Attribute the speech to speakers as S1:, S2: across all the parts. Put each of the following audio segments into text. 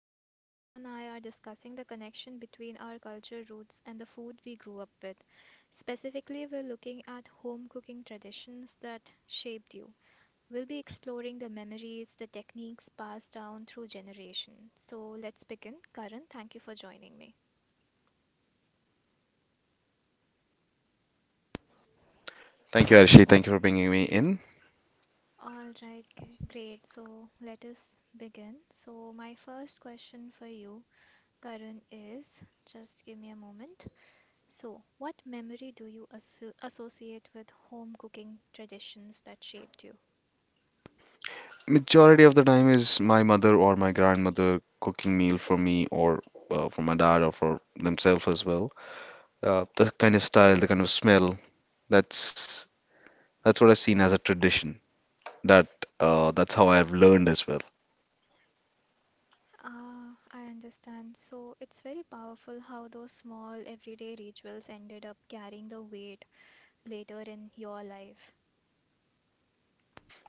S1: Today Karan and I are discussing the connection between our culture roots and the food we grew up with. Specifically, we're looking at home cooking traditions that shaped you. We'll be exploring the memories, the techniques passed down through generations. So let's begin. Karan, thank you for joining me.
S2: Thank you, Arshi. Thank you for bringing me in.
S1: All right, great. So let us begin. So my first question for you, Karan, is just give me a moment. So, what memory do you associate with home cooking traditions that shaped you?
S2: Majority of the time is my mother or my grandmother cooking meal for me or for my dad or for themselves as well. The kind of style, the kind of smell, that's that's what I've seen as a tradition. That that's how I've learned as well.
S1: Ah, I understand. So, it's very powerful how those small everyday rituals ended up carrying the weight later in your life.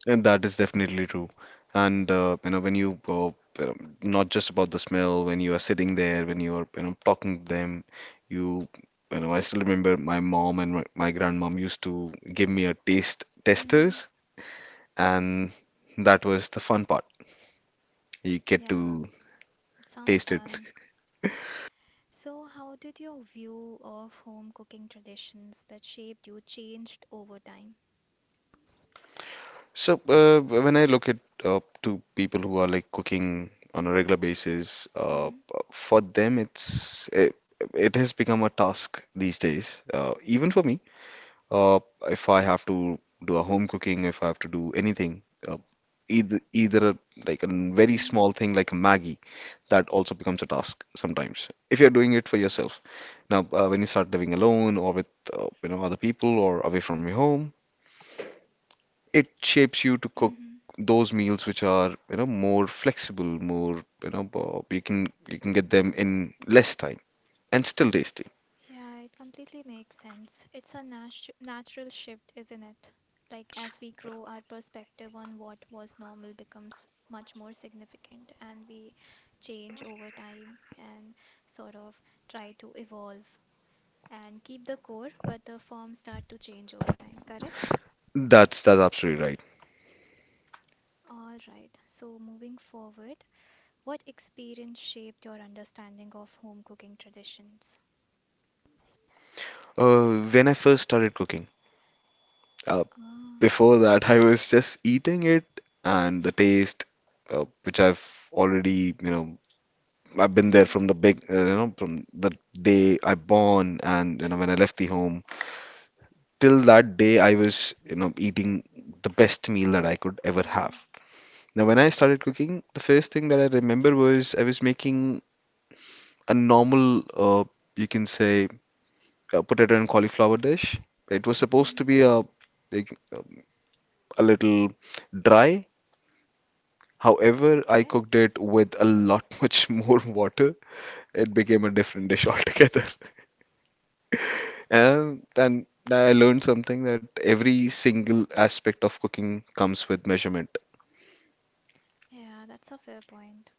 S2: And that is definitely true. And when you go, you know, not just about the smell, when you are sitting there, when you are, you know, talking to them, you, you know, I still remember my mom and my grandmom used to give me a taste
S1: Mm-hmm.
S2: testers, and that was the fun part. You get
S1: Yeah,
S2: to
S1: it sounds
S2: taste it.
S1: fun. So, how did your view of home cooking traditions that shaped you changed over time?
S2: So when I look at to people who are like cooking on a regular basis,
S1: Mm-hmm.
S2: for them, it has become a task these days. Even for me. Uh, if I have to do a home cooking, if I have to do anything, uh, either a, like a very
S1: Mm-hmm.
S2: small thing like a Maggie, that also becomes a task sometimes. If you're doing it for yourself. Now, when you start living alone or with you know other people or away from your home, it shapes you to cook
S1: Mm-hmm.
S2: those meals which are you know more flexible, more you know you can get them in less time and still tasty.
S1: Yeah, it completely makes sense. It's a natural shift, isn't it? Like, as we grow, our perspective on what was normal becomes much more significant, and we change over time and sort of try to evolve and keep the core, but the form start to change over time, correct?
S2: That's absolutely right.
S1: All right, so moving forward, what experience shaped your understanding of home cooking traditions?
S2: When I first started cooking. uh,
S1: Ah,
S2: Before that, I was just eating it, and the taste, which I've already, you know, I've been there
S1: mhm.
S2: from the big, you know, from the day I born, and you know, when I left the home, till that day, I was, you know, eating the best meal that I could ever have.
S1: Mm-hmm.
S2: Now, when I started cooking, the first thing that I remember was I was making a normal, you can say, potato and cauliflower dish. It was supposed
S1: Mm-hmm.
S2: to be a like a little dry. However, I
S1: Okay.
S2: cooked it with a lot much more water. It became a different dish altogether. And then I learned
S1: Mm-hmm.
S2: something that every single aspect of cooking comes with measurement.
S1: Yeah, that's a fair point.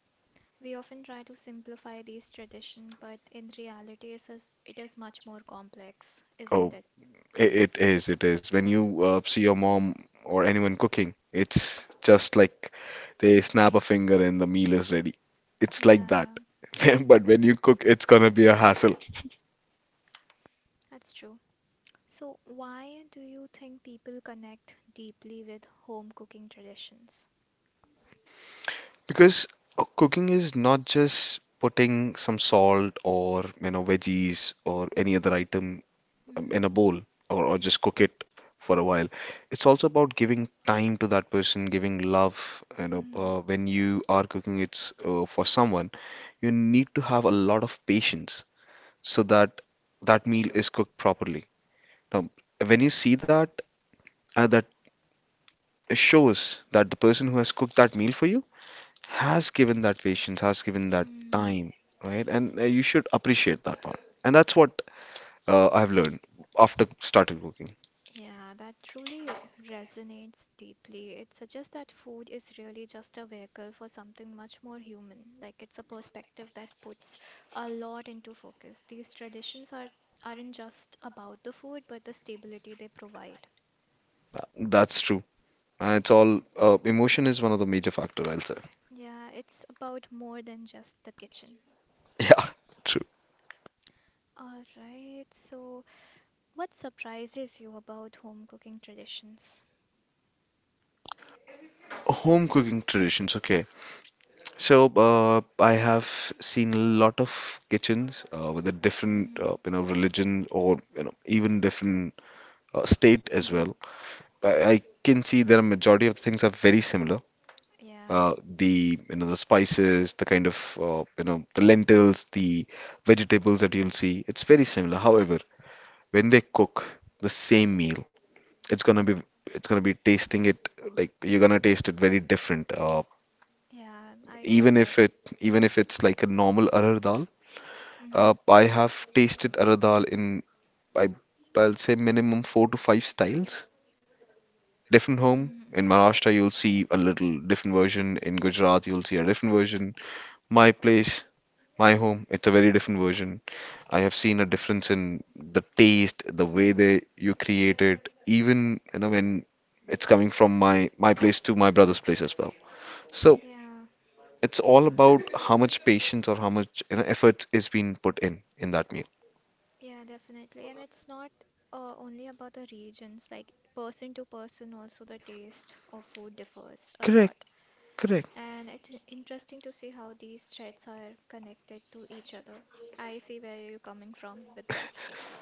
S1: We often try to simplify these tradition, but in reality, it is much more complex, isn't
S2: Oh,
S1: it?
S2: it is, it is. When you see your mom or anyone cooking, it's just like they snap a finger and the meal is ready. It's like that.
S1: Yeah,
S2: But when you cook, it's gonna be a hassle.
S1: that's true. So, why do you think people connect deeply with home cooking traditions?
S2: Because cooking is not just putting some salt or you know veggies or any other item
S1: Mm-hmm.
S2: in a bowl or just cook it for a while. It's also about giving time to that person, giving love. You know,
S1: Mm-hmm.
S2: when you are cooking, it's for someone. You need to have a lot of patience so that that
S1: That's
S2: meal
S1: true.
S2: is cooked properly. Now, when you see that, uh, that shows that the person who has cooked that meal for you has given that patience, has given that
S1: Mm,
S2: time, right? And you should appreciate that part. And that's what I've learned after started cooking.
S1: yeah, that truly resonates deeply. It suggests that food is really just a vehicle for something much more human. Like it's a perspective that puts a lot into focus. These traditions aren't just about the food, but the stability they provide.
S2: Uh, That's true. It's all Emotion is one of the major factor, I'll say.
S1: Yeah, it's about more than just the kitchen.
S2: Yeah, true.
S1: All right, so what surprises you about home cooking traditions?
S2: Home cooking traditions. Okay, I have seen a lot of kitchens with a different,
S1: Mm-hmm.
S2: you know, religion or you know even different state as
S1: Mm-hmm.
S2: well. I can see that a majority of things are very similar
S1: Yeah.
S2: the you know the spices, the kind of you know the lentils, the vegetables that you'll see. It's very similar. However, when they cook the same meal, it's gonna be it's gonna be tasting it like you're gonna taste it very different.
S1: Yeah, I get
S2: Even
S1: that.
S2: if it Even if it's like a normal arhar dal,
S1: Mm-hmm.
S2: I have tasted arhar dal in I I'll say minimum four to five styles. Different home.
S1: Mm-hmm.
S2: In Maharashtra, you'll see a little different version. In Gujarat, you'll see a different version. My place, My home, it's a very different version. I have seen a difference in the taste, the way
S1: Mm-hmm.
S2: they you create it, even you know when it's coming from my place to my brother's place as well. So
S1: Yeah,
S2: it's all about how much patience or how much you know effort is being put in that meal.
S1: yeah, definitely. And it's not only about the regions, like person to person, also the taste of food differs a
S2: Correct,
S1: lot.
S2: correct.
S1: And it's interesting to see how these threads are connected to each other. I see where you're coming from with that.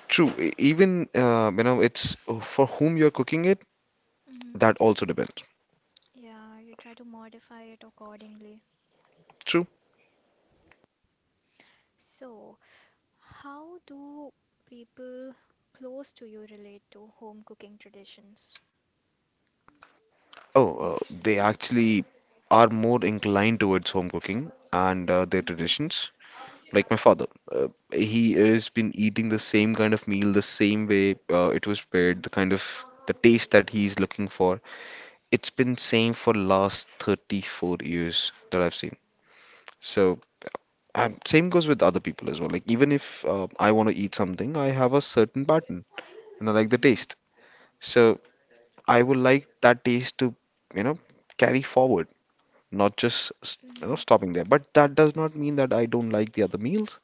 S2: True. Even you know it's for whom you're cooking it,
S1: Mm-hmm.
S2: that also depends.
S1: Yeah, you try to modify it accordingly.
S2: True.
S1: So, how do people close to you relate to home cooking traditions?
S2: Oh, uh, they actually are more inclined towards home cooking and their
S1: Mm-hmm.
S2: traditions. Like my father, he has been eating the same kind of meal, the same way it was prepared,
S1: Mm-hmm.
S2: the kind of the taste that he's looking for. It's been same for last 34 years that I've seen. So, and same goes with other people as well. Like even if I want to eat something, I have a certain pattern and I like the
S1: Mm-hmm.
S2: taste. So I would like that taste to, you know, carry forward, not just you know
S1: Mm-hmm.
S2: stopping there. But that does not mean that I don't like the other meals.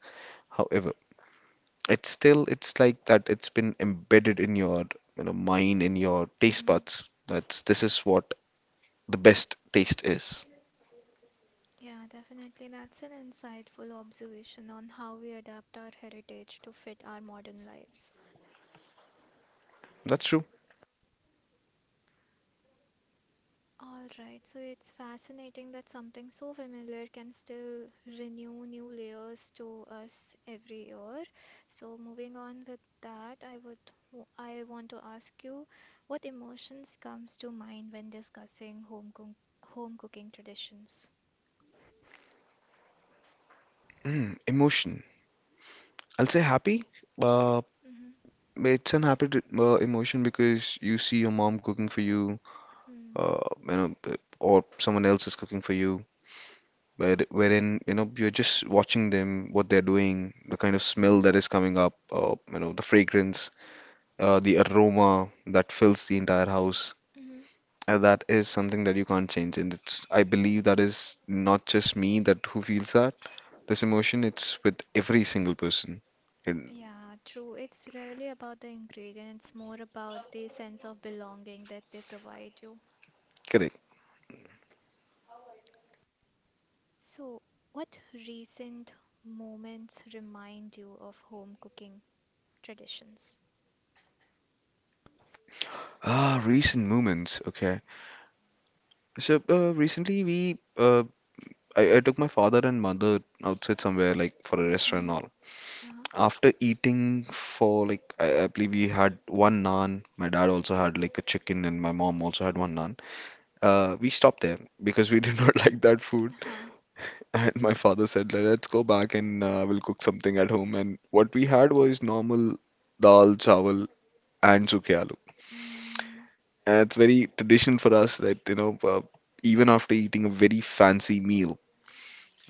S2: However, it's still, it's like that it's been embedded in your, you know, mind, in your taste
S1: Mm-hmm.
S2: buds. That's this is what the best taste is.
S1: Yeah, definitely. That's an insightful observation on how we adapt our heritage to fit our modern lives.
S2: That's true.
S1: All right, so it's fascinating that something so familiar can still renew new layers to us every year. So moving on with that, I would I want to ask you what emotions comes to mind when discussing home cooking traditions?
S2: Mm, emotion. I'll say happy. Uh,
S1: Mm-hmm.
S2: it's an happy emotion because you see your mom cooking for you,
S1: Hmm.
S2: or someone else is cooking for you, wherein, you know, you're just watching them, what they're doing, the kind of smell that
S1: Mm-hmm.
S2: is coming up, you know, the fragrance, the aroma that fills the entire house.
S1: Hmm.
S2: That is something that you can't change, and it's I believe that is not just me that who feels that this emotion. It's with every single person. And-
S1: Yeah, true. It's really about the ingredient. It's more about the sense of belonging that they provide you.
S2: Correct.
S1: So, what recent moments remind you of home cooking traditions?
S2: Ah, recent moments. Okay. So recently I took my father and mother outside somewhere like for a restaurant and
S1: Mm-hmm.
S2: all.
S1: Uh-huh.
S2: After eating for like I believe we had one naan. My dad also had like a chicken and my mom also had one naan. We stopped there because we did not like that food.
S1: Uh-huh.
S2: And my father said, let's go back and we'll cook something at home. And what we had was normal dal, chawal, and suke aloo.
S1: Mm-hmm.
S2: And it's very tradition for us that, you know, even after eating a very fancy meal,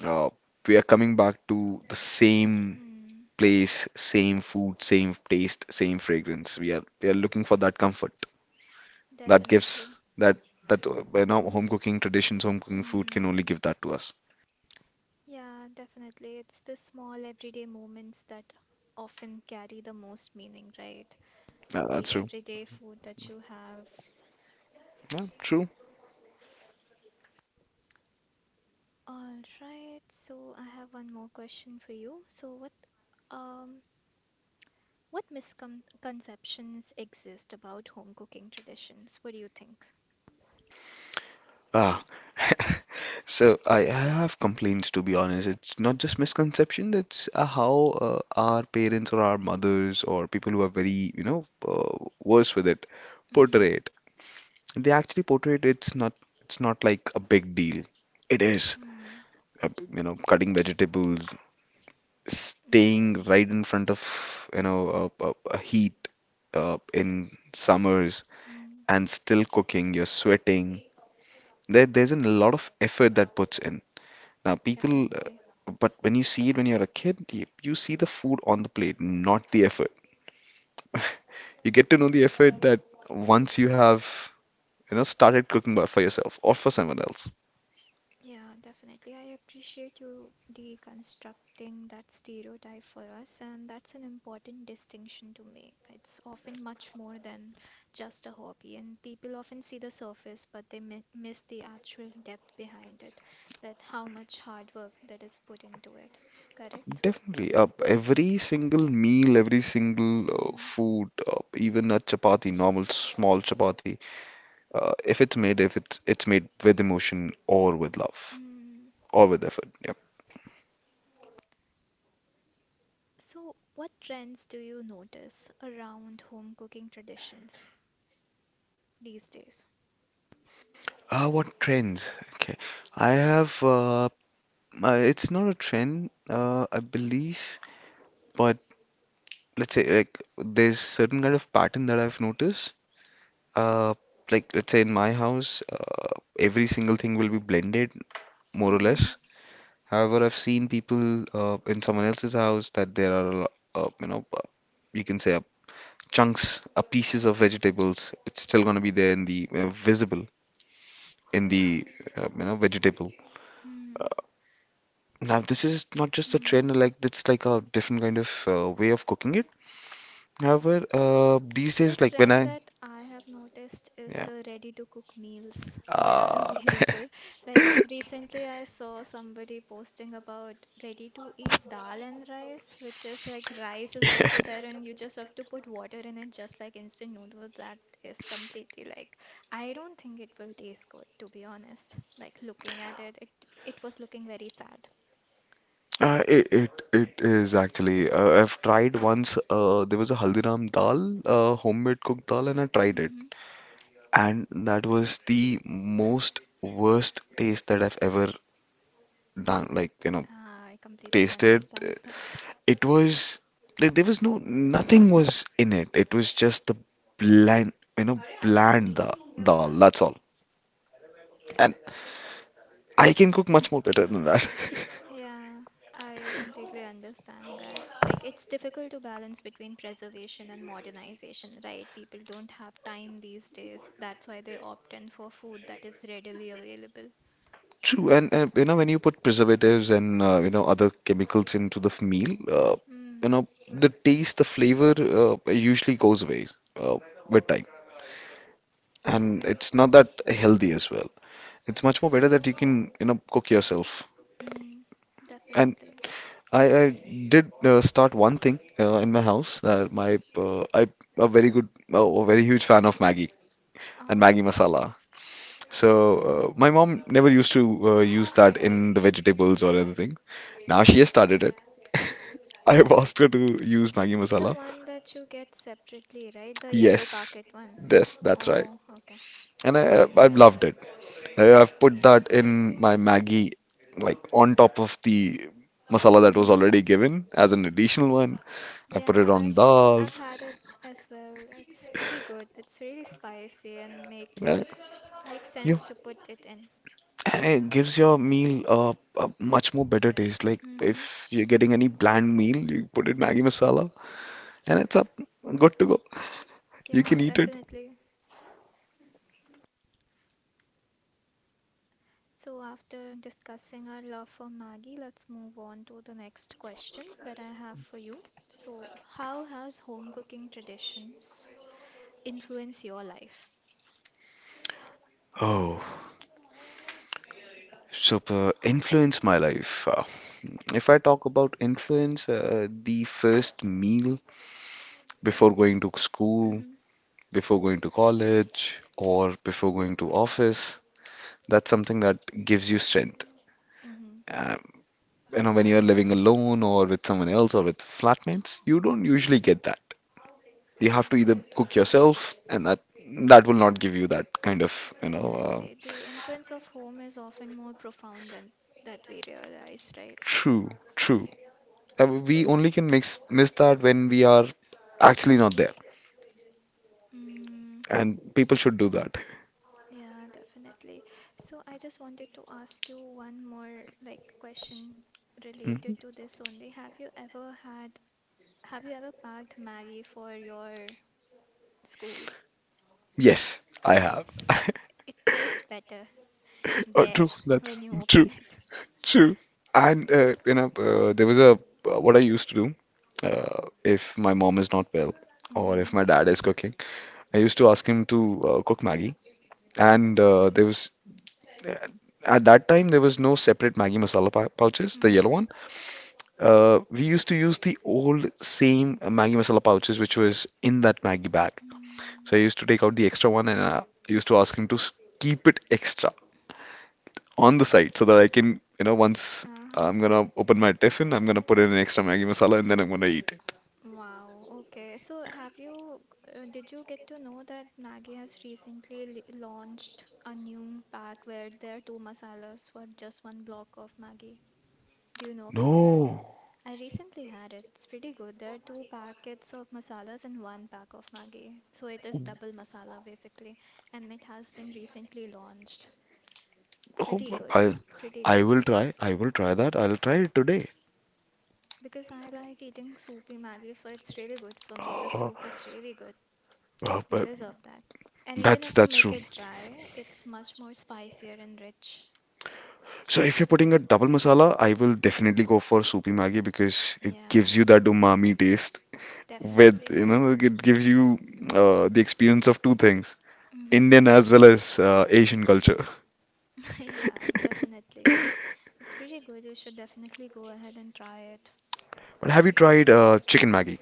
S2: uh, we are coming back to the same place, same food, same taste, same fragrance. We are looking for that comfort, that gives
S1: Definitely.
S2: that that you know home cooking traditions, home cooking food can
S1: Mm.
S2: only give that to us.
S1: Yeah, definitely. It's the small everyday moments that often carry the most meaning, right?
S2: Yeah, that's
S1: The
S2: true.
S1: everyday food that you have.
S2: Yeah, true.
S1: All right, so I have one more question for you. So um what misconceptions exist about home cooking traditions? What do you think?
S2: Ah. So I have complaints to be honest. It's not just misconception. It's how our parents or our mothers or people who are very, you know, worse with it portray
S1: Mm.
S2: it. They actually portray it. It's not. It's not like a big deal. It is.
S1: Mm.
S2: You know, cutting vegetables, staying
S1: Mm.
S2: right in front of, you know, a heat in summers
S1: Mm,
S2: and still cooking. You're sweating. There, there's a lot of effort that puts in. Now,
S1: definitely.
S2: but when you see it when you're a kid, you see the food on the plate, not the effort. You get to know the effort that once you have, you know, started cooking for yourself or for someone else.
S1: Yeah, definitely. I appreciate you deconstructing that stereotype for us, and that's an important distinction to make. It's often much more than just a hobby, and people often see the surface, but they mi miss the actual depth behind it, that how much hard work that is put into it. Correct?
S2: Definitely, every single meal, every single
S1: Hmm.
S2: food, even a chapati, normal small chapati, if it's made, if it's it's made with emotion or with love
S1: Mm.
S2: or with effort. Yep.
S1: So, what trends do you notice around home cooking traditions these days?
S2: What trends? Okay, I have it's not a trend, I believe, but let's say like there's certain kind of pattern that I've noticed. Uh, like let's say in my house, every single thing will be blended more or less.
S1: Mm.
S2: However, I've seen people in someone else's house that there are you know you can say chunks, pieces of vegetables. It's still gonna be there in the visible in the you know vegetable. Uh,
S1: Mm,
S2: Now, this is not just a
S1: mm,
S2: trend, like it's like a different kind of way of cooking it. However, these
S1: the
S2: days,
S1: trend that I have noticed is
S2: yeah,
S1: the ready to cook meals that are
S2: uh,
S1: available. Like recently, I saw somebody posting about ready to eat dal and rice, which is like rice is also there, and you just have to put water in it, just like instant noodles. That is completely like, I don't think it will taste good, to be honest. Like looking at it, it, it was looking very sad.
S2: it it is actually. I've tried once. There was a Haldiram dal, homemade cooked dal, and I tried it,
S1: Hmm.
S2: and that was the most worst taste that I've ever done. Like you know,
S1: I completely
S2: tasted.
S1: understand that.
S2: It was like there was no nothing was in it. It was just the bland, you know, dal. That's all. And I can cook much more better than that.
S1: Yeah, I completely understand that. Like, it's difficult to balance between preservation and modernization, right? People don't have time these days. That's why they opt in for food that is readily available.
S2: True, and when you put preservatives and other chemicals into the meal, you
S1: Mm,
S2: know the taste, the flavor, usually goes away uh, with time, and
S1: yeah,
S2: it's not that healthy as well. It's much more better that you can cook yourself.
S1: mm,
S2: And
S1: definitely.
S2: I did start one thing in my house that my I a very huge fan of Maggie and
S1: Oh,
S2: Maggie masala. So my mom never used to use that in the vegetables or anything. Now she has started it. I have asked her to use Maggi
S1: the
S2: masala.
S1: one that you get separately, right? The yellow
S2: Yes,
S1: packet one.
S2: yes, that's right.
S1: Oh, okay.
S2: And I've loved it. I've put that in my Maggi, like on top of the masala that was
S1: Mm-hmm.
S2: already given as an additional one. I put
S1: Yeah,
S2: it on
S1: I've
S2: dals.
S1: had it as well. It's pretty good. It's really spicy and
S2: Uh,
S1: makes makes
S2: yeah,
S1: sense to put it in.
S2: and it gives your meal a much more better taste. Like
S1: Mm-hmm.
S2: if you're getting any bland meal, you put it Maggi masala, and it's up, good to go. You
S1: Yeah,
S2: can eat it.
S1: definitely. So after discussing our love for Maggie, let's move on to the next question that I have for you. So, how has home cooking traditions influenced your life?
S2: Oh, super influenced my life. If I talk about influence, the first meal before going to school,
S1: Mm-hmm.
S2: before going to college, or before going to office, that's something that gives you strength.
S1: Mm-hmm.
S2: Uh, when you're living alone or with someone else or with flatmates, you don't usually get that. You have to either cook yourself, and that will not give you that kind of,
S1: Definitely. The influence of home is often more profound than that we realize, right?
S2: true, true. We only can miss that when we are actually not there,
S1: Mm.
S2: and people should do that.
S1: Yeah, definitely. So I just wanted to ask you one more like question
S2: Hmm.
S1: related to this only. Have you ever had, have you ever packed Maggie for your school?
S2: Yes, I have.
S1: It tastes better
S2: Oh,
S1: there
S2: true. That's
S1: when you open
S2: true.
S1: it.
S2: True. And there was a what I used to do if my mom is not well or if
S1: Mm,
S2: my dad is cooking. I used to ask him to cook Maggie, and there was uh, at that time there was no separate Maggie masala pouches, the yellow
S1: mm-hmm,
S2: one. We used to use the old same Maggie masala pouches which was in that Maggie bag. So
S1: mm,
S2: I used to take out the extra one and I used to ask him to keep it extra on the side so that I can, once
S1: uh-huh.
S2: I'm gonna open my tiffin, I'm gonna put in an extra Maggi masala and then I'm gonna eat it.
S1: Wow, okay. So have you, did you get to know that Maggi has recently launched a new pack where there are two masalas for just one block of Maggi? Do you know about that?
S2: No.
S1: I recently had it. It's pretty good. There are two packets of masalas and one pack of Maggi. So it is double masala basically, and it has been recently launched.
S2: Oh,
S1: Pretty good.
S2: I
S1: Pretty
S2: I
S1: good.
S2: will try. I will try that. I'll try it today.
S1: Because I like eating soupy Maggi, so it's really good for me. The
S2: Oh,
S1: soup is really good.
S2: oh, but
S1: Because of that. And even
S2: that's
S1: if you
S2: that's
S1: make
S2: true.
S1: it dry, it's much more spicier and rich.
S2: So if you're putting a double masala, I will definitely go for soupy Maggi because it gives you
S1: Yeah,
S2: that umami taste with,
S1: definitely.
S2: it gives you the experience of two things,
S1: Hmm.
S2: Indian as well as Asian culture.
S1: Yeah, definitely.
S2: But
S1: It's pretty good. You should definitely go ahead and try it.
S2: have you tried chicken Maggi?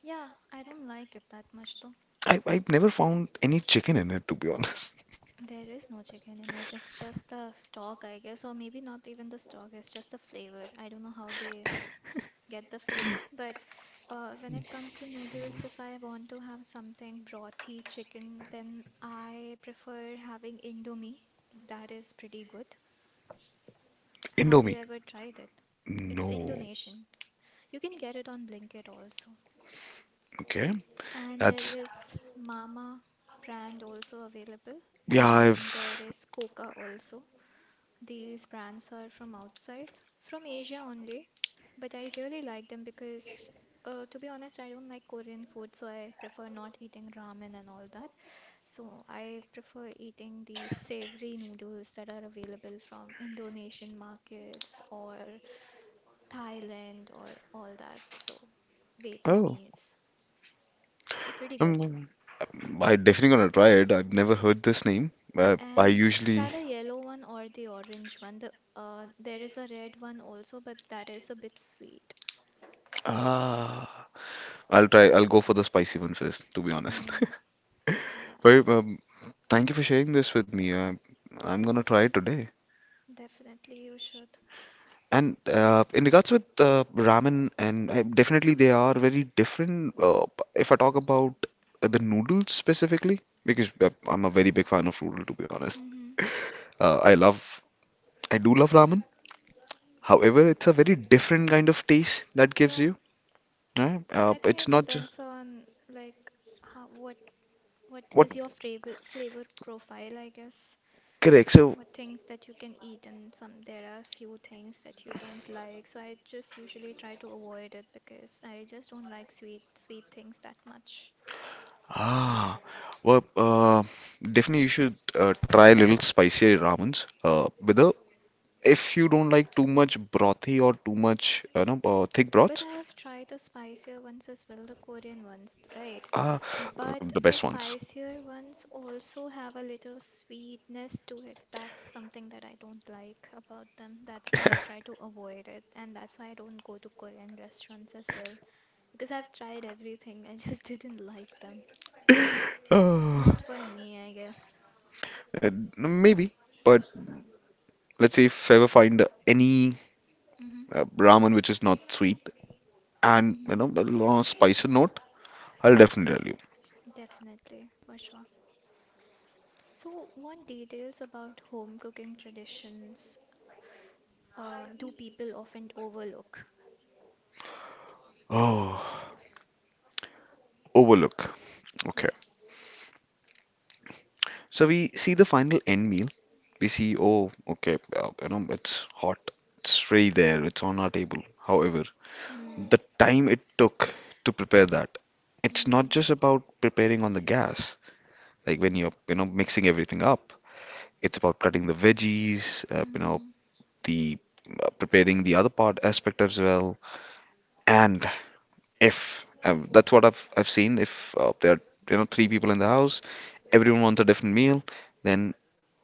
S1: Yeah, I don't like it that much though.
S2: I've never found any chicken in it, to be honest.
S1: There is no chicken in it. It's just the stock, I guess, or maybe not even the stock. It's just the flavor. I don't know how they get the flavor. But when it comes to noodles, if I want to have something brothy chicken, then I prefer having Indomie. That is pretty good. Have you
S2: Indomie.
S1: ever tried it? It's
S2: No.
S1: Indonesian. You can get it on Blinkit also.
S2: Okay.
S1: And there
S2: That's,
S1: is Mama brand also available,
S2: yeah,
S1: and there
S2: I've,
S1: is Coca also. These brands are from outside, from Asia only. But I really like them because, to be honest, I don't like Korean food, so I prefer not eating ramen and all that. So I prefer eating these savory noodles that are available from Indonesian markets or Thailand or all that. So
S2: oh,
S1: Vietnamese, pretty good.
S2: um, I definitely gonna try it. I've never heard this name. I
S1: And
S2: usually,
S1: try the yellow one or the orange one. The there is a red one also, but that is a bit sweet.
S2: ah, I'll try, I'll go for the spicy one first, to be honest.
S1: Mm, yeah,
S2: But thank you for sharing this with me. I'm gonna try it today.
S1: definitely you should.
S2: And in regards with ramen, definitely they are very different. If I talk about the noodles specifically, because I'm a very big fan of noodle, to be honest.
S1: Mhm.
S2: Uh, I love, I do love ramen. However, it's a very different kind of taste that gives
S1: Yeah,
S2: you. Right?
S1: I think
S2: It's
S1: it
S2: not just
S1: depends on like how what is
S2: what
S1: your flavor profile, I guess.
S2: correct. So
S1: What things that you can eat and some there are few things that you don't like. So I just usually try to avoid it because I just don't like sweet sweet things that much.
S2: ah, well, definitely you should try a little spicier ramens. With a If you don't like too much brothy or too much, thick
S1: But
S2: broths.
S1: I have tried the spicier ones as well, the Korean ones, right?
S2: Ah,
S1: But
S2: the
S1: the
S2: best ones.
S1: spicier ones also have a little sweetness to it. That's something that I don't like about them. That's why I try to avoid it, and that's why I don't go to Korean restaurants as well. Because I've tried everything, I just didn't like them. It's
S2: Uh,
S1: not for me, I guess.
S2: uh, maybe, but let's say if I ever find any
S1: Mm-hmm.
S2: ramen which is not sweet and
S1: Mm-hmm.
S2: a lot of spicy note, I'll definitely tell you.
S1: Definitely, for sure. So, what details about home cooking traditions do people often overlook?
S2: Oh, overlook. Okay,
S1: Yes.
S2: so we see the final end meal. We see, oh, okay, it's hot, it's ready there, it's on our table. However,
S1: Mm.
S2: the time it took to prepare that, it's not
S1: Mm.
S2: just about preparing on the gas, like when you're mixing everything up. It's about cutting the veggies,
S1: Mm.
S2: the preparing the other part aspect as well. And if that's what I've seen, if there are three people in the house, everyone wants a different meal, then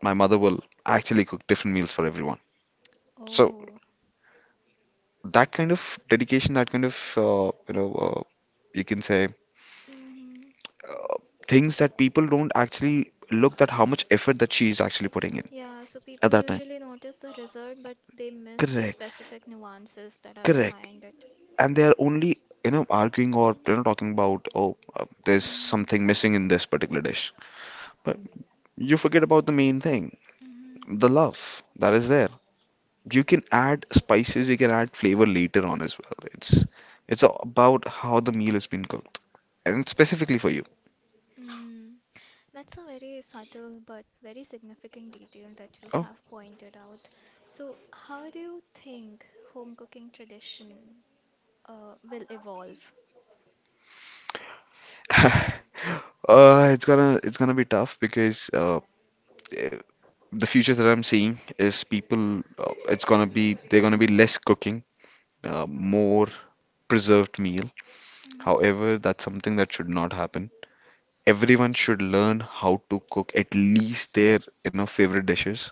S2: my mother will actually cook different meals for everyone. So
S1: Oh.
S2: that kind of dedication, that kind of you can say
S1: Mm-hmm.
S2: uh, things that people don't actually look at how much effort that she's actually putting in
S1: Yeah, so
S2: at
S1: people
S2: that time.
S1: usually notice the result, but they miss the
S2: Correct,
S1: specific nuances that are
S2: correct.
S1: behind it.
S2: And they are only arguing or talking about, oh, there's
S1: Mm.
S2: something missing in this particular dish, but you forget about the main thing,
S1: Mm-hmm.
S2: the love that is there. You can add spices, you can add flavor later on as well. It's all about how the meal has been cooked and specifically for you.
S1: Mm. That's a very subtle but very significant detail that you
S2: Oh.
S1: have pointed out. So, how do you think home cooking tradition will evolve?
S2: It's gonna be tough because eh, the future that I'm seeing is people it's gonna be they're gonna be less cooking, more preserved meals.
S1: Mm-hmm.
S2: However, that's something that should not happen. Everyone should learn how to cook at least their, favorite dishes.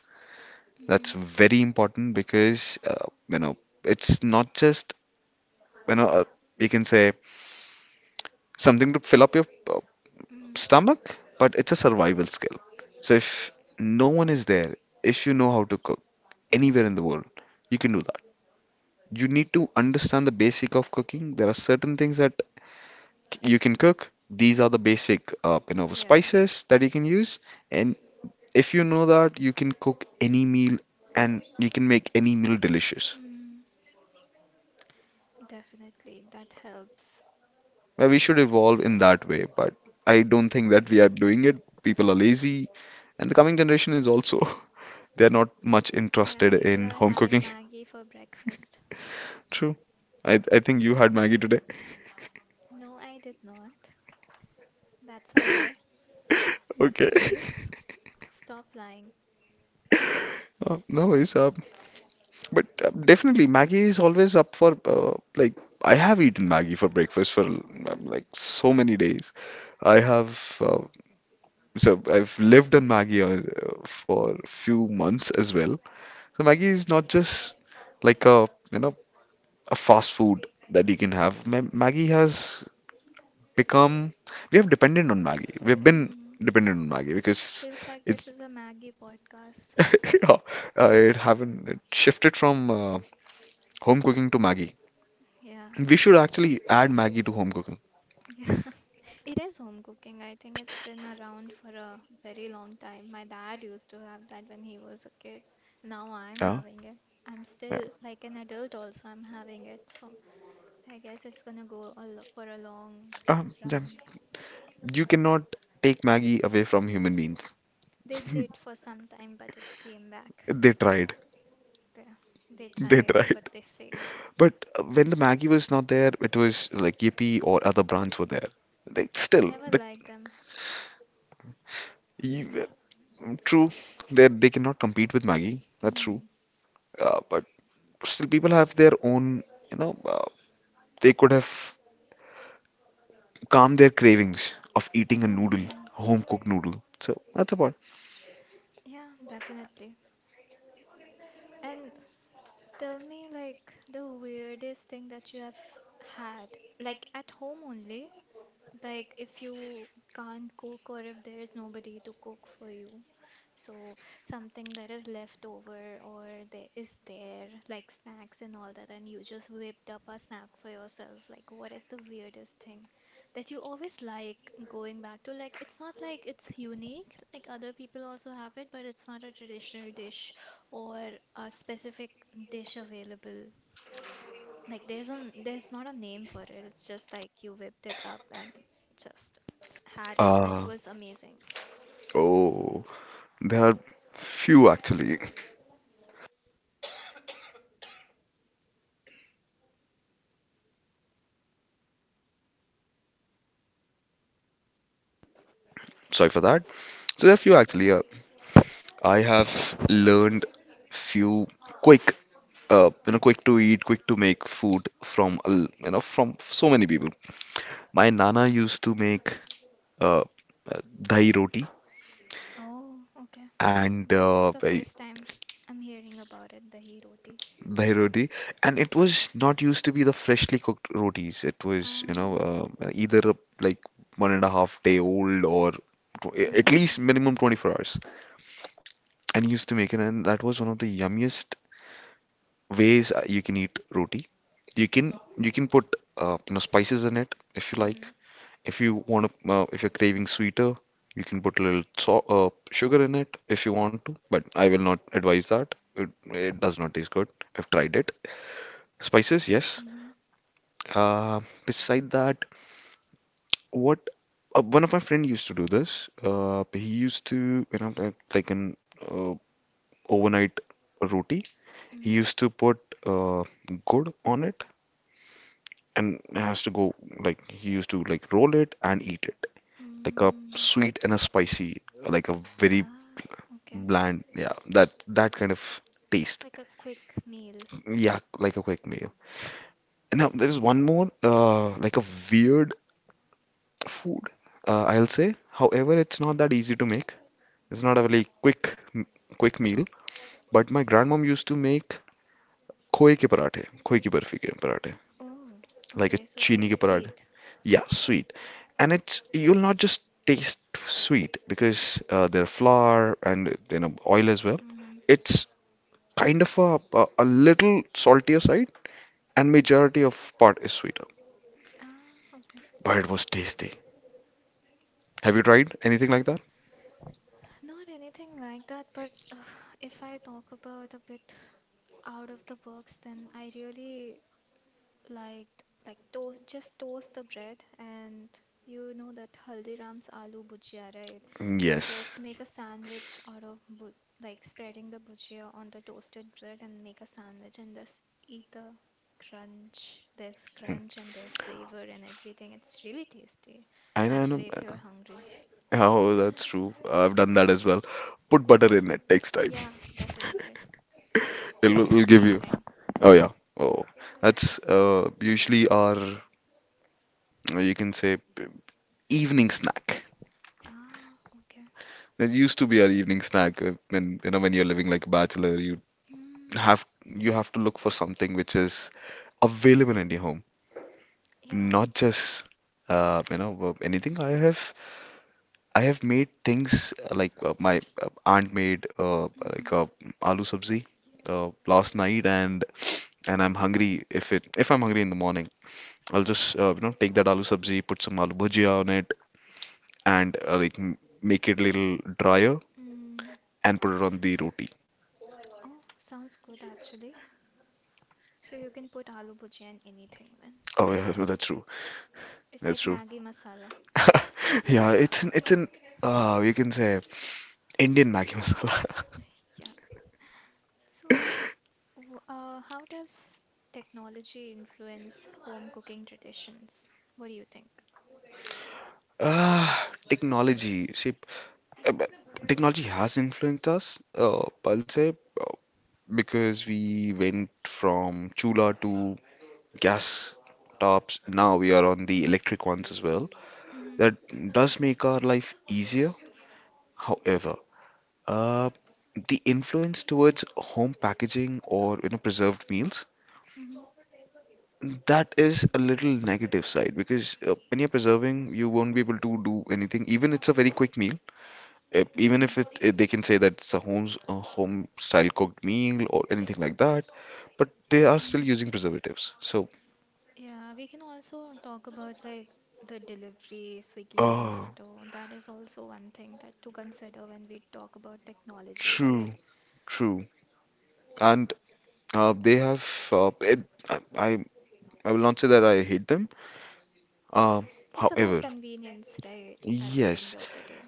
S2: That's
S1: Mm-hmm.
S2: very important because, it's not just, you know, uh, you can say something to fill up your
S1: Mm,
S2: stomach, but it's a survival skill. So if no one is there, if you know how to cook anywhere
S1: mm,
S2: in the world, you can do that. You need to understand the basic of cooking. There are certain things that you can cook. These are the basic,
S1: yeah,
S2: spices that you can use. And if you know that, you can cook any meal and you can make any meal delicious.
S1: mm, definitely. That helps.
S2: Well, we should evolve in that way, but I don't think that we are
S1: Mm,
S2: doing it. People are lazy, and the coming generation is also. They are not much
S1: yeah,
S2: interested
S1: people
S2: in
S1: are
S2: home
S1: having
S2: cooking.
S1: Maggie for breakfast.
S2: True. I think you had Maggie today.
S1: No, I did not. That's a lie.
S2: Okay.
S1: Please stop lying.
S2: Oh, no worries. But definitely, Maggie is always up for like I have eaten Maggie for breakfast for
S1: Mm,
S2: like so many days. I have so I've lived on Maggie for few months as well. So Maggie is not just like a fast food that you can have. Ma Maggie has become, we have dependent on Maggie. We've been
S1: mm,
S2: dependent on Maggie because
S1: Feels like this
S2: it's
S1: is a Maggie podcast.
S2: yeah, it haven't it shifted from home cooking to Maggie.
S1: Yeah.
S2: We should actually add Maggie to home cooking.
S1: Yeah, it is home cooking. I think it's been around for a very long time. My dad used to have that when he was a kid. Now I'm
S2: Yeah.
S1: having it. I'm
S2: Yeah.
S1: still like an adult also, I'm having it. So I guess it's gonna go a lo for a long
S2: Yeah.
S1: run.
S2: You cannot take Maggie away from human beings.
S1: They did for some time, but it came back.
S2: They tried.
S1: They, they
S2: They
S1: tried,
S2: tried.
S1: but they failed.
S2: But when the Maggie was not there, it was like Yippee or other brands were there. They still
S1: Never
S2: the
S1: liked them.
S2: you, true, they cannot compete with Maggie. That's true.
S1: Mm.
S2: But still, people have their own. You know, uh, they could have calmed their cravings of eating a noodle,
S1: Mm,
S2: home cooked noodle. So that's about.
S1: yeah, definitely. And tell me, like, the weirdest thing that you have had, like, at home only, like, if you can't cook or if there is nobody to cook for you. So something that is left over or there is there like snacks and all that and you just whipped up a snack for yourself. Like what is the weirdest thing that you always like going back to? Like it's not like it's unique, like other people also have it, but it's not a traditional dish or a specific dish available. Like there's not a name for it. It's just like you whipped it up and just had it and it
S2: Uh,
S1: was amazing.
S2: oh. There are few actually. Sorry for that. So there
S1: It's
S2: are few
S1: okay.
S2: actually. I have learned few quick, quick to eat, quick to make food from a l- you know from so many people. My nana used to make uh, dahi roti,
S1: Oh, okay.
S2: and
S1: That's
S2: uh,
S1: the
S2: I-
S1: first time I'm hearing about it, dahi roti.
S2: dahi roti, and it was not used to be the freshly cooked rotis. It was
S1: Uh,
S2: either a, like 1.5 day old or at
S1: mm,
S2: least minimum 24 hours. And he used to make it, and that was one of the yummiest ways you can eat roti. You can put spices in it if you
S1: mm,
S2: like. If you're craving sweeter, you can put a little sugar in it if you want to. But I will not advise that. It does not taste good. I've tried it. Spices, yes.
S1: mm,
S2: Uh, beside that, what one of my friend used to do this. He used to, like an uh, overnight roti. He
S1: mm,
S2: used to put uh, good on it, and it has to go, like he used to like roll it and eat it, like a
S1: mm,
S2: sweet and a spicy, like a very
S1: ah, okay.
S2: bland. Yeah, that kind of taste.
S1: Like a quick meal.
S2: Yeah, like a quick meal. Now there is one more like a weird food, I'll say. However, it's not that easy to make. It's not a really quick quick meal. But my grandmom used to make खोए के पराठे, खोए की बर्फी के पराठे.
S1: Oh,
S2: Like a
S1: okay, so
S2: chini
S1: like
S2: चीनी के.
S1: sweet.
S2: Yeah, sweet. And it's you'll not just taste sweet because there are flour and oil as well.
S1: Mm-hmm.
S2: It's kind of a little saltier side, and majority of part is sweeter.
S1: Ah, okay.
S2: But it was tasty. Have you tried anything like that?
S1: Not anything like that, but if I talk about a bit out of the box, then I really liked like toast, just toast the bread, and you know that Haldiram's aloo bhujia, right?
S2: Mm,
S1: Just
S2: yes.
S1: make a sandwich out of bu like spreading the bhujia on the toasted bread and make a sandwich and just eat the crunch. There's
S2: Mm.
S1: crunch and there's flavor and everything. It's really tasty.
S2: I know. I know.
S1: Actually, if you're hungry.
S2: Oh, that's true. I've done that as well. Put butter in it. Takes time.
S1: Yeah, definitely.
S2: It'll,
S1: Tastes
S2: it'll give you.
S1: amazing.
S2: Oh yeah. Oh, that's usually our. You can say evening snack.
S1: Ah, okay.
S2: That used to be our evening snack when you know when you're living like a bachelor, you
S1: Mm,
S2: have to look for something which is available in your home,
S1: yeah,
S2: not just you know anything. I have made things like my aunt made
S1: Mm-hmm.
S2: like aloo sabzi last night, and I'm hungry. If I'm hungry in the morning, I'll just you know take that aloo sabzi, put some aloo bhujia on it, and like make it a little drier
S1: Mm.
S2: and put it on the roti.
S1: Oh, sounds good actually. So you can put aloo bhujia in anything then.
S2: Oh, yeah,
S1: It's
S2: that's true. That's
S1: like
S2: true.
S1: Maggi masala.
S2: Yeah, it's an you can say Indian Maggi masala.
S1: Yeah. So, how does technology influence home cooking traditions? What do you think?
S2: Ah, technology. See, but technology has influenced us. I'll say uh, because we went from chula to gas tops. Now we are on the electric ones as well.
S1: Mm-hmm.
S2: That does make our life easier. However, uh, the influence towards home packaging or you know preserved meals.
S1: Mm-hmm.
S2: That is a little negative side because when you're preserving, you won't be able to do anything. Even it's a very quick meal, even
S1: Mm-hmm.
S2: if it, they can say that it's a home style cooked meal or anything like that, but they are still
S1: Mm.
S2: using preservatives. So,
S1: Yeah, we can also talk about like the delivery, Swiggy,
S2: oh,
S1: Zomato. That is also one thing that to consider when we talk about technology, right?
S2: true, true. And they have uh, it, I, I I will not say that I hate them. Uh,
S1: It's about
S2: however,
S1: convenience, right? At the end
S2: yes,
S1: of the day.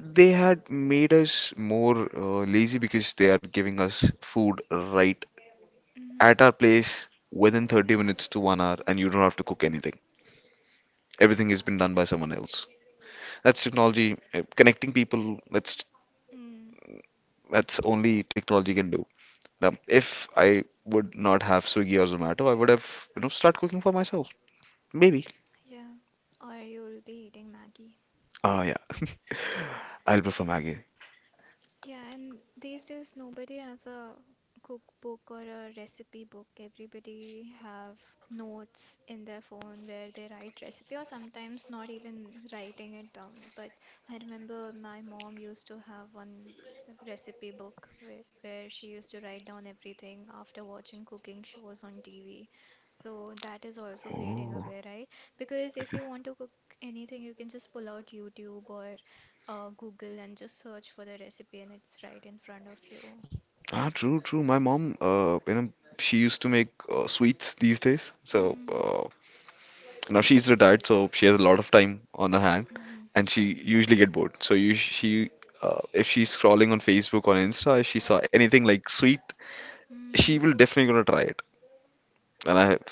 S2: they had made us more lazy because they are giving us food right
S1: Mm-hmm.
S2: at our place within 30 minutes to 1 hour, and you don't have to cook anything. Everything has been done by someone else. That's technology connecting people. That's
S1: Mm,
S2: that's only technology can do. Now, if I would not have Swiggy or Zomato, I would have you know start cooking for myself. Maybe.
S1: yeah. Or you'll be eating Maggie.
S2: Ah, yeah. I'll prefer Maggie.
S1: Yeah, and these days nobody has a cookbook or a recipe book. Everybody have notes in their phone where they write recipe or sometimes not even writing it down. But I remember my mom used to have one recipe book where, she used to write down everything after watching cooking shows on TV. So that is also fading
S2: Oh,
S1: away, right? Because if you want to cook anything, you can just pull out YouTube or Google and just search for the recipe, and it's right in front of you.
S2: ah, true, true. My mom, you know, she used to make sweets these days. So
S1: Mm,
S2: now she's retired, so she has a lot of time on her hand,
S1: mm-hmm,
S2: and she usually get bored. So if she's scrolling on Facebook or Insta, if she saw anything like sweet, she
S1: mm.
S2: will definitely gonna try it. And I have,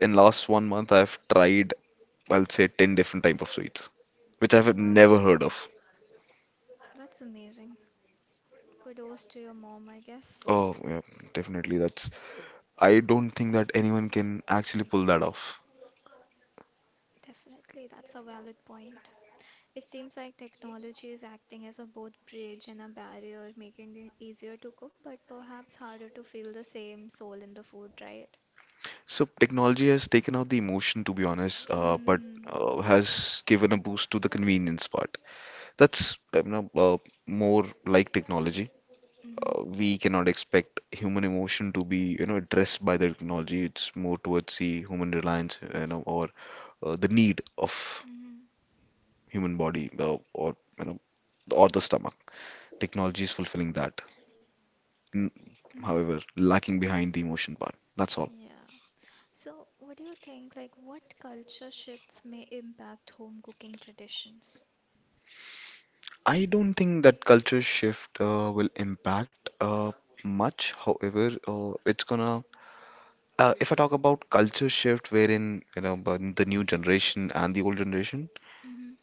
S2: in last 1 month, I've tried, I'll say, 10 different type of sweets, which
S1: Oh,
S2: I've
S1: wow.
S2: never heard of.
S1: That's amazing. Kudos to your mom, I guess.
S2: Oh, yeah, definitely. That's, I don't think that anyone can actually pull that off.
S1: Definitely, that's a valid point. It seems like technology is acting as a both bridge and a barrier, making it easier to cook, but perhaps harder to feel the same soul in the food, right?
S2: So technology has taken out the emotion, to be honest, but
S1: Mm.
S2: has given a boost to the convenience part. That's you know, more like technology.
S1: Mm-hmm.
S2: We cannot expect human emotion to be, you know, addressed by the technology. It's more towards the human reliance, you know, or the need of
S1: Mm-hmm.
S2: human body, or you know, or the stomach. Technology is fulfilling that. N-
S1: Mm-hmm.
S2: However, lacking behind the emotion part. That's all.
S1: Yeah. So, what do you think? Like, what culture shifts may impact home cooking traditions?
S2: I don't think that culture shift will impact much. However, it's gonna. If I talk about culture shift, wherein you know but the new generation and the old generation,
S1: Mm-hmm.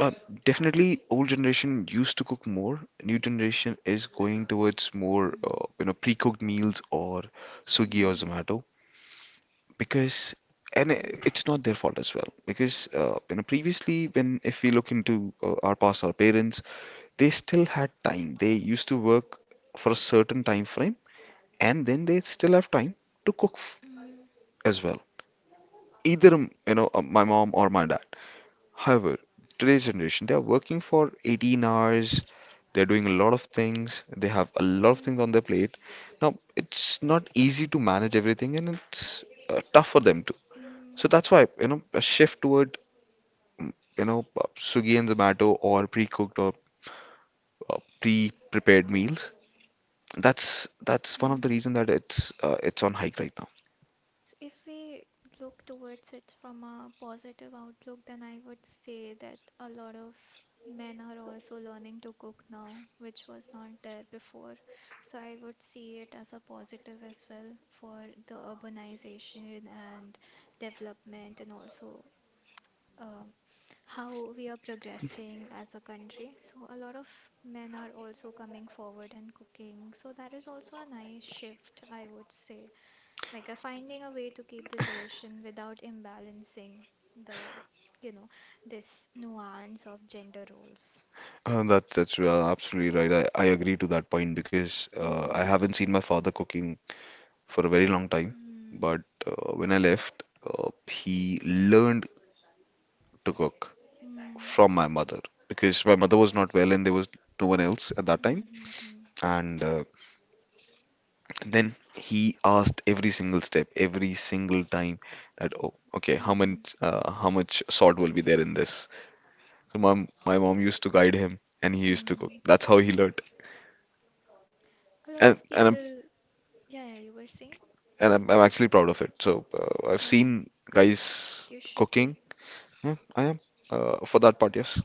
S2: uh, definitely old generation used to cook more. New generation is going towards more
S1: Mm-hmm.
S2: you know pre-cooked meals or Swiggy or
S1: Mm-hmm.
S2: Zomato because and i- it's not their fault as well because you know previously when if we look into our past our parents they still had time, they used to work for a certain time frame and then they still have time to cook as well, either you know my mom or my dad. However, today's generation, they are working for 18 hours. They're doing a lot of things. They have a lot of things on
S1: Mm-hmm.
S2: their plate. Now, it's not easy to manage everything, and it's tough for them too.
S1: Mm-hmm.
S2: So that's why you know a shift toward you know Swiggy and Zomato or pre-cooked or pre-prepared meals. That's one of the
S1: Mm-hmm.
S2: reason that it's on hike right now.
S1: So if we look towards it from a positive outlook, then I would say that a lot of men are also learning to cook now, which was not there before. So I would see it as a positive as well for the urbanization and development, and also um, how we are progressing as a country. So a lot of men are also coming forward and cooking. So that is also a nice shift, I would say, like finding a way to keep the tradition without imbalancing the, you know, this nuance of gender roles.
S2: That's absolutely right. I agree to that point because I
S1: mm-hmm.
S2: haven't seen my father cooking for a very long time.
S1: Mm-hmm.
S2: But when I left, he learned to cook
S1: Mm-hmm.
S2: from my mother because my mother was not well and there was no one else at that time.
S1: Mm-hmm.
S2: And then he asked every single step, every single time that, oh, okay, how
S1: Mm-hmm.
S2: much uh, how much salt will be there in this? So my mom used to guide him and he used to cook.
S1: Mm.
S2: That's how he learned.
S1: A lot
S2: And
S1: of
S2: and I'm
S1: people, yeah, yeah, you were saying,
S2: I'm actually proud of it. So I've
S1: yeah,
S2: seen guys
S1: you should be.
S2: cooking. Yeah, I am. For that part, yes.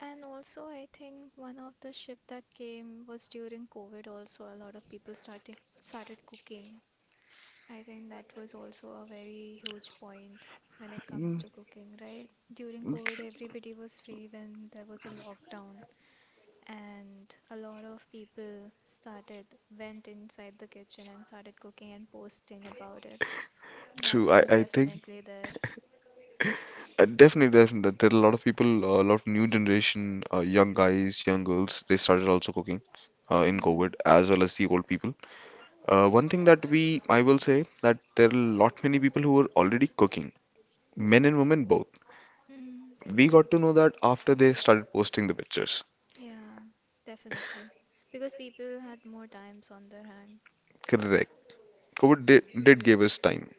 S1: And also, I think one of the shift that came was during COVID also, a lot of people started cooking. I think that was also a very huge point when it comes
S2: Mm.
S1: to cooking, right? During
S2: mm,
S1: COVID,
S2: tr-
S1: everybody was free when there was a lockdown, and a lot of people started went inside the kitchen and started cooking and posting about it. That
S2: True. I,
S1: was
S2: I think
S1: definitely there.
S2: definitely, definitely that there are a lot of people, a lot of new generation, young guys, young girls, they started also cooking in COVID
S1: Mm-hmm.
S2: as well as the old people. One thing that I will say that there are a lot many people who were already cooking, men and women both.
S1: Mm-hmm.
S2: We got to know that after they started posting the pictures.
S1: Yeah, definitely. Because people had more times on their hand.
S2: Correct. COVID did give us time.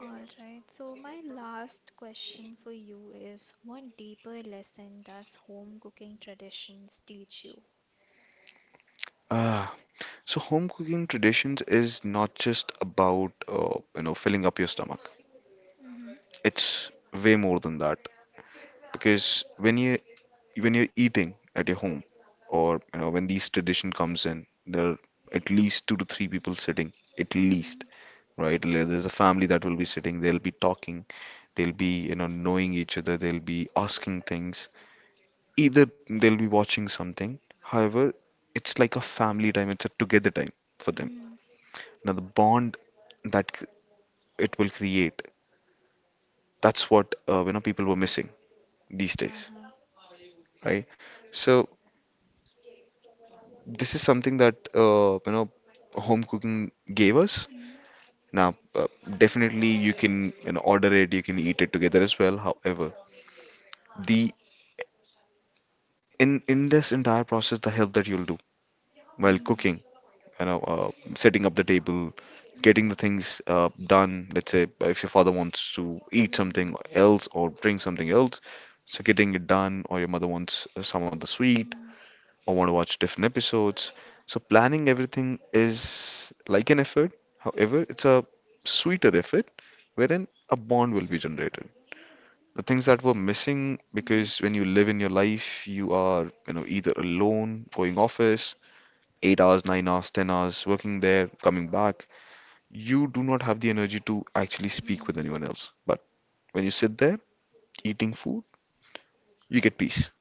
S1: All right. So my last question for you is what deeper lesson does home cooking traditions teach you?
S2: Ah, so home cooking traditions is not just about you know filling up your stomach.
S1: Mm-hmm.
S2: It's way more than that. Because when you when you're eating at your home or you know when these tradition comes in, there are at least two to three people sitting, at
S1: Mm-hmm.
S2: least, right. There's a family that will be sitting, they'll be talking, they'll be you know knowing each other, they'll be asking things, either they'll be watching something. However, it's like a family time, it's a together time for them.
S1: Mm-hmm.
S2: Now the bond that c- it will create, that's what you know people were missing these days,
S1: Uh-huh.
S2: right. So this is something that you know home cooking gave us. Now, definitely you can you know order it, you can eat it together as well. However, the in this entire process, the help that you'll do while cooking,
S1: Mm-hmm.
S2: you know, setting up the table, getting
S1: Mm-hmm.
S2: the things done. Let's say if your father wants to eat
S1: Mm-hmm.
S2: something else or bring something else, so getting it done, or your mother wants some other sweet.
S1: Mm,
S2: I want to watch different episodes. So planning everything is like an effort. However, it's a sweeter effort wherein a bond will be generated. The things that were missing,
S1: mm-hmm,
S2: because when you live in your life, you are, you know, either alone, going office, 8 hours, 9 hours, 10 hours, working there, coming back. You do not have the energy to actually speak with
S1: mm.
S2: anyone else. But when you sit there eating food, you get peace.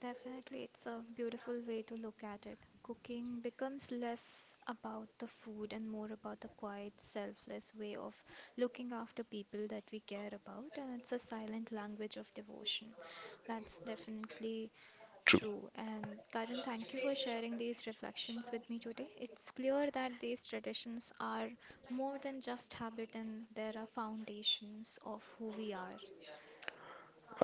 S1: Definitely, it's a beautiful way to look at it. Cooking becomes less about the food and more about the quiet, selfless way of looking after people that we care about, and it's a silent language of devotion. That's definitely
S2: True.
S1: true. And Karan, thank you for sharing these reflections with me today. It's clear that these traditions are more than just habit and there are foundations of who we are.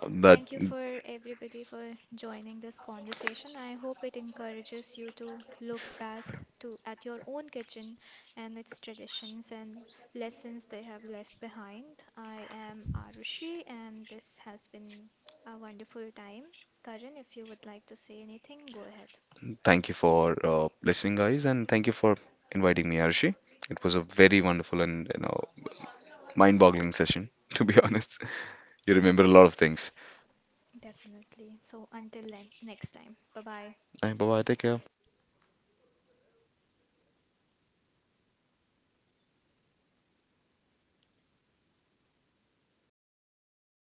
S2: That
S1: Thank you for everybody for joining this conversation. I hope it encourages you to look back to at your own kitchen and its traditions and lessons they have left behind. I am Arushi and this has been a wonderful time. Karan, if you would like to say anything, go ahead.
S2: Thank you for listening, guys, and thank you for inviting me, Arshi. It was a very wonderful and you know mind-boggling session, to be honest. You remember a lot of things.
S1: Definitely. So until like next time. Bye bye.
S2: Bye bye. Take care.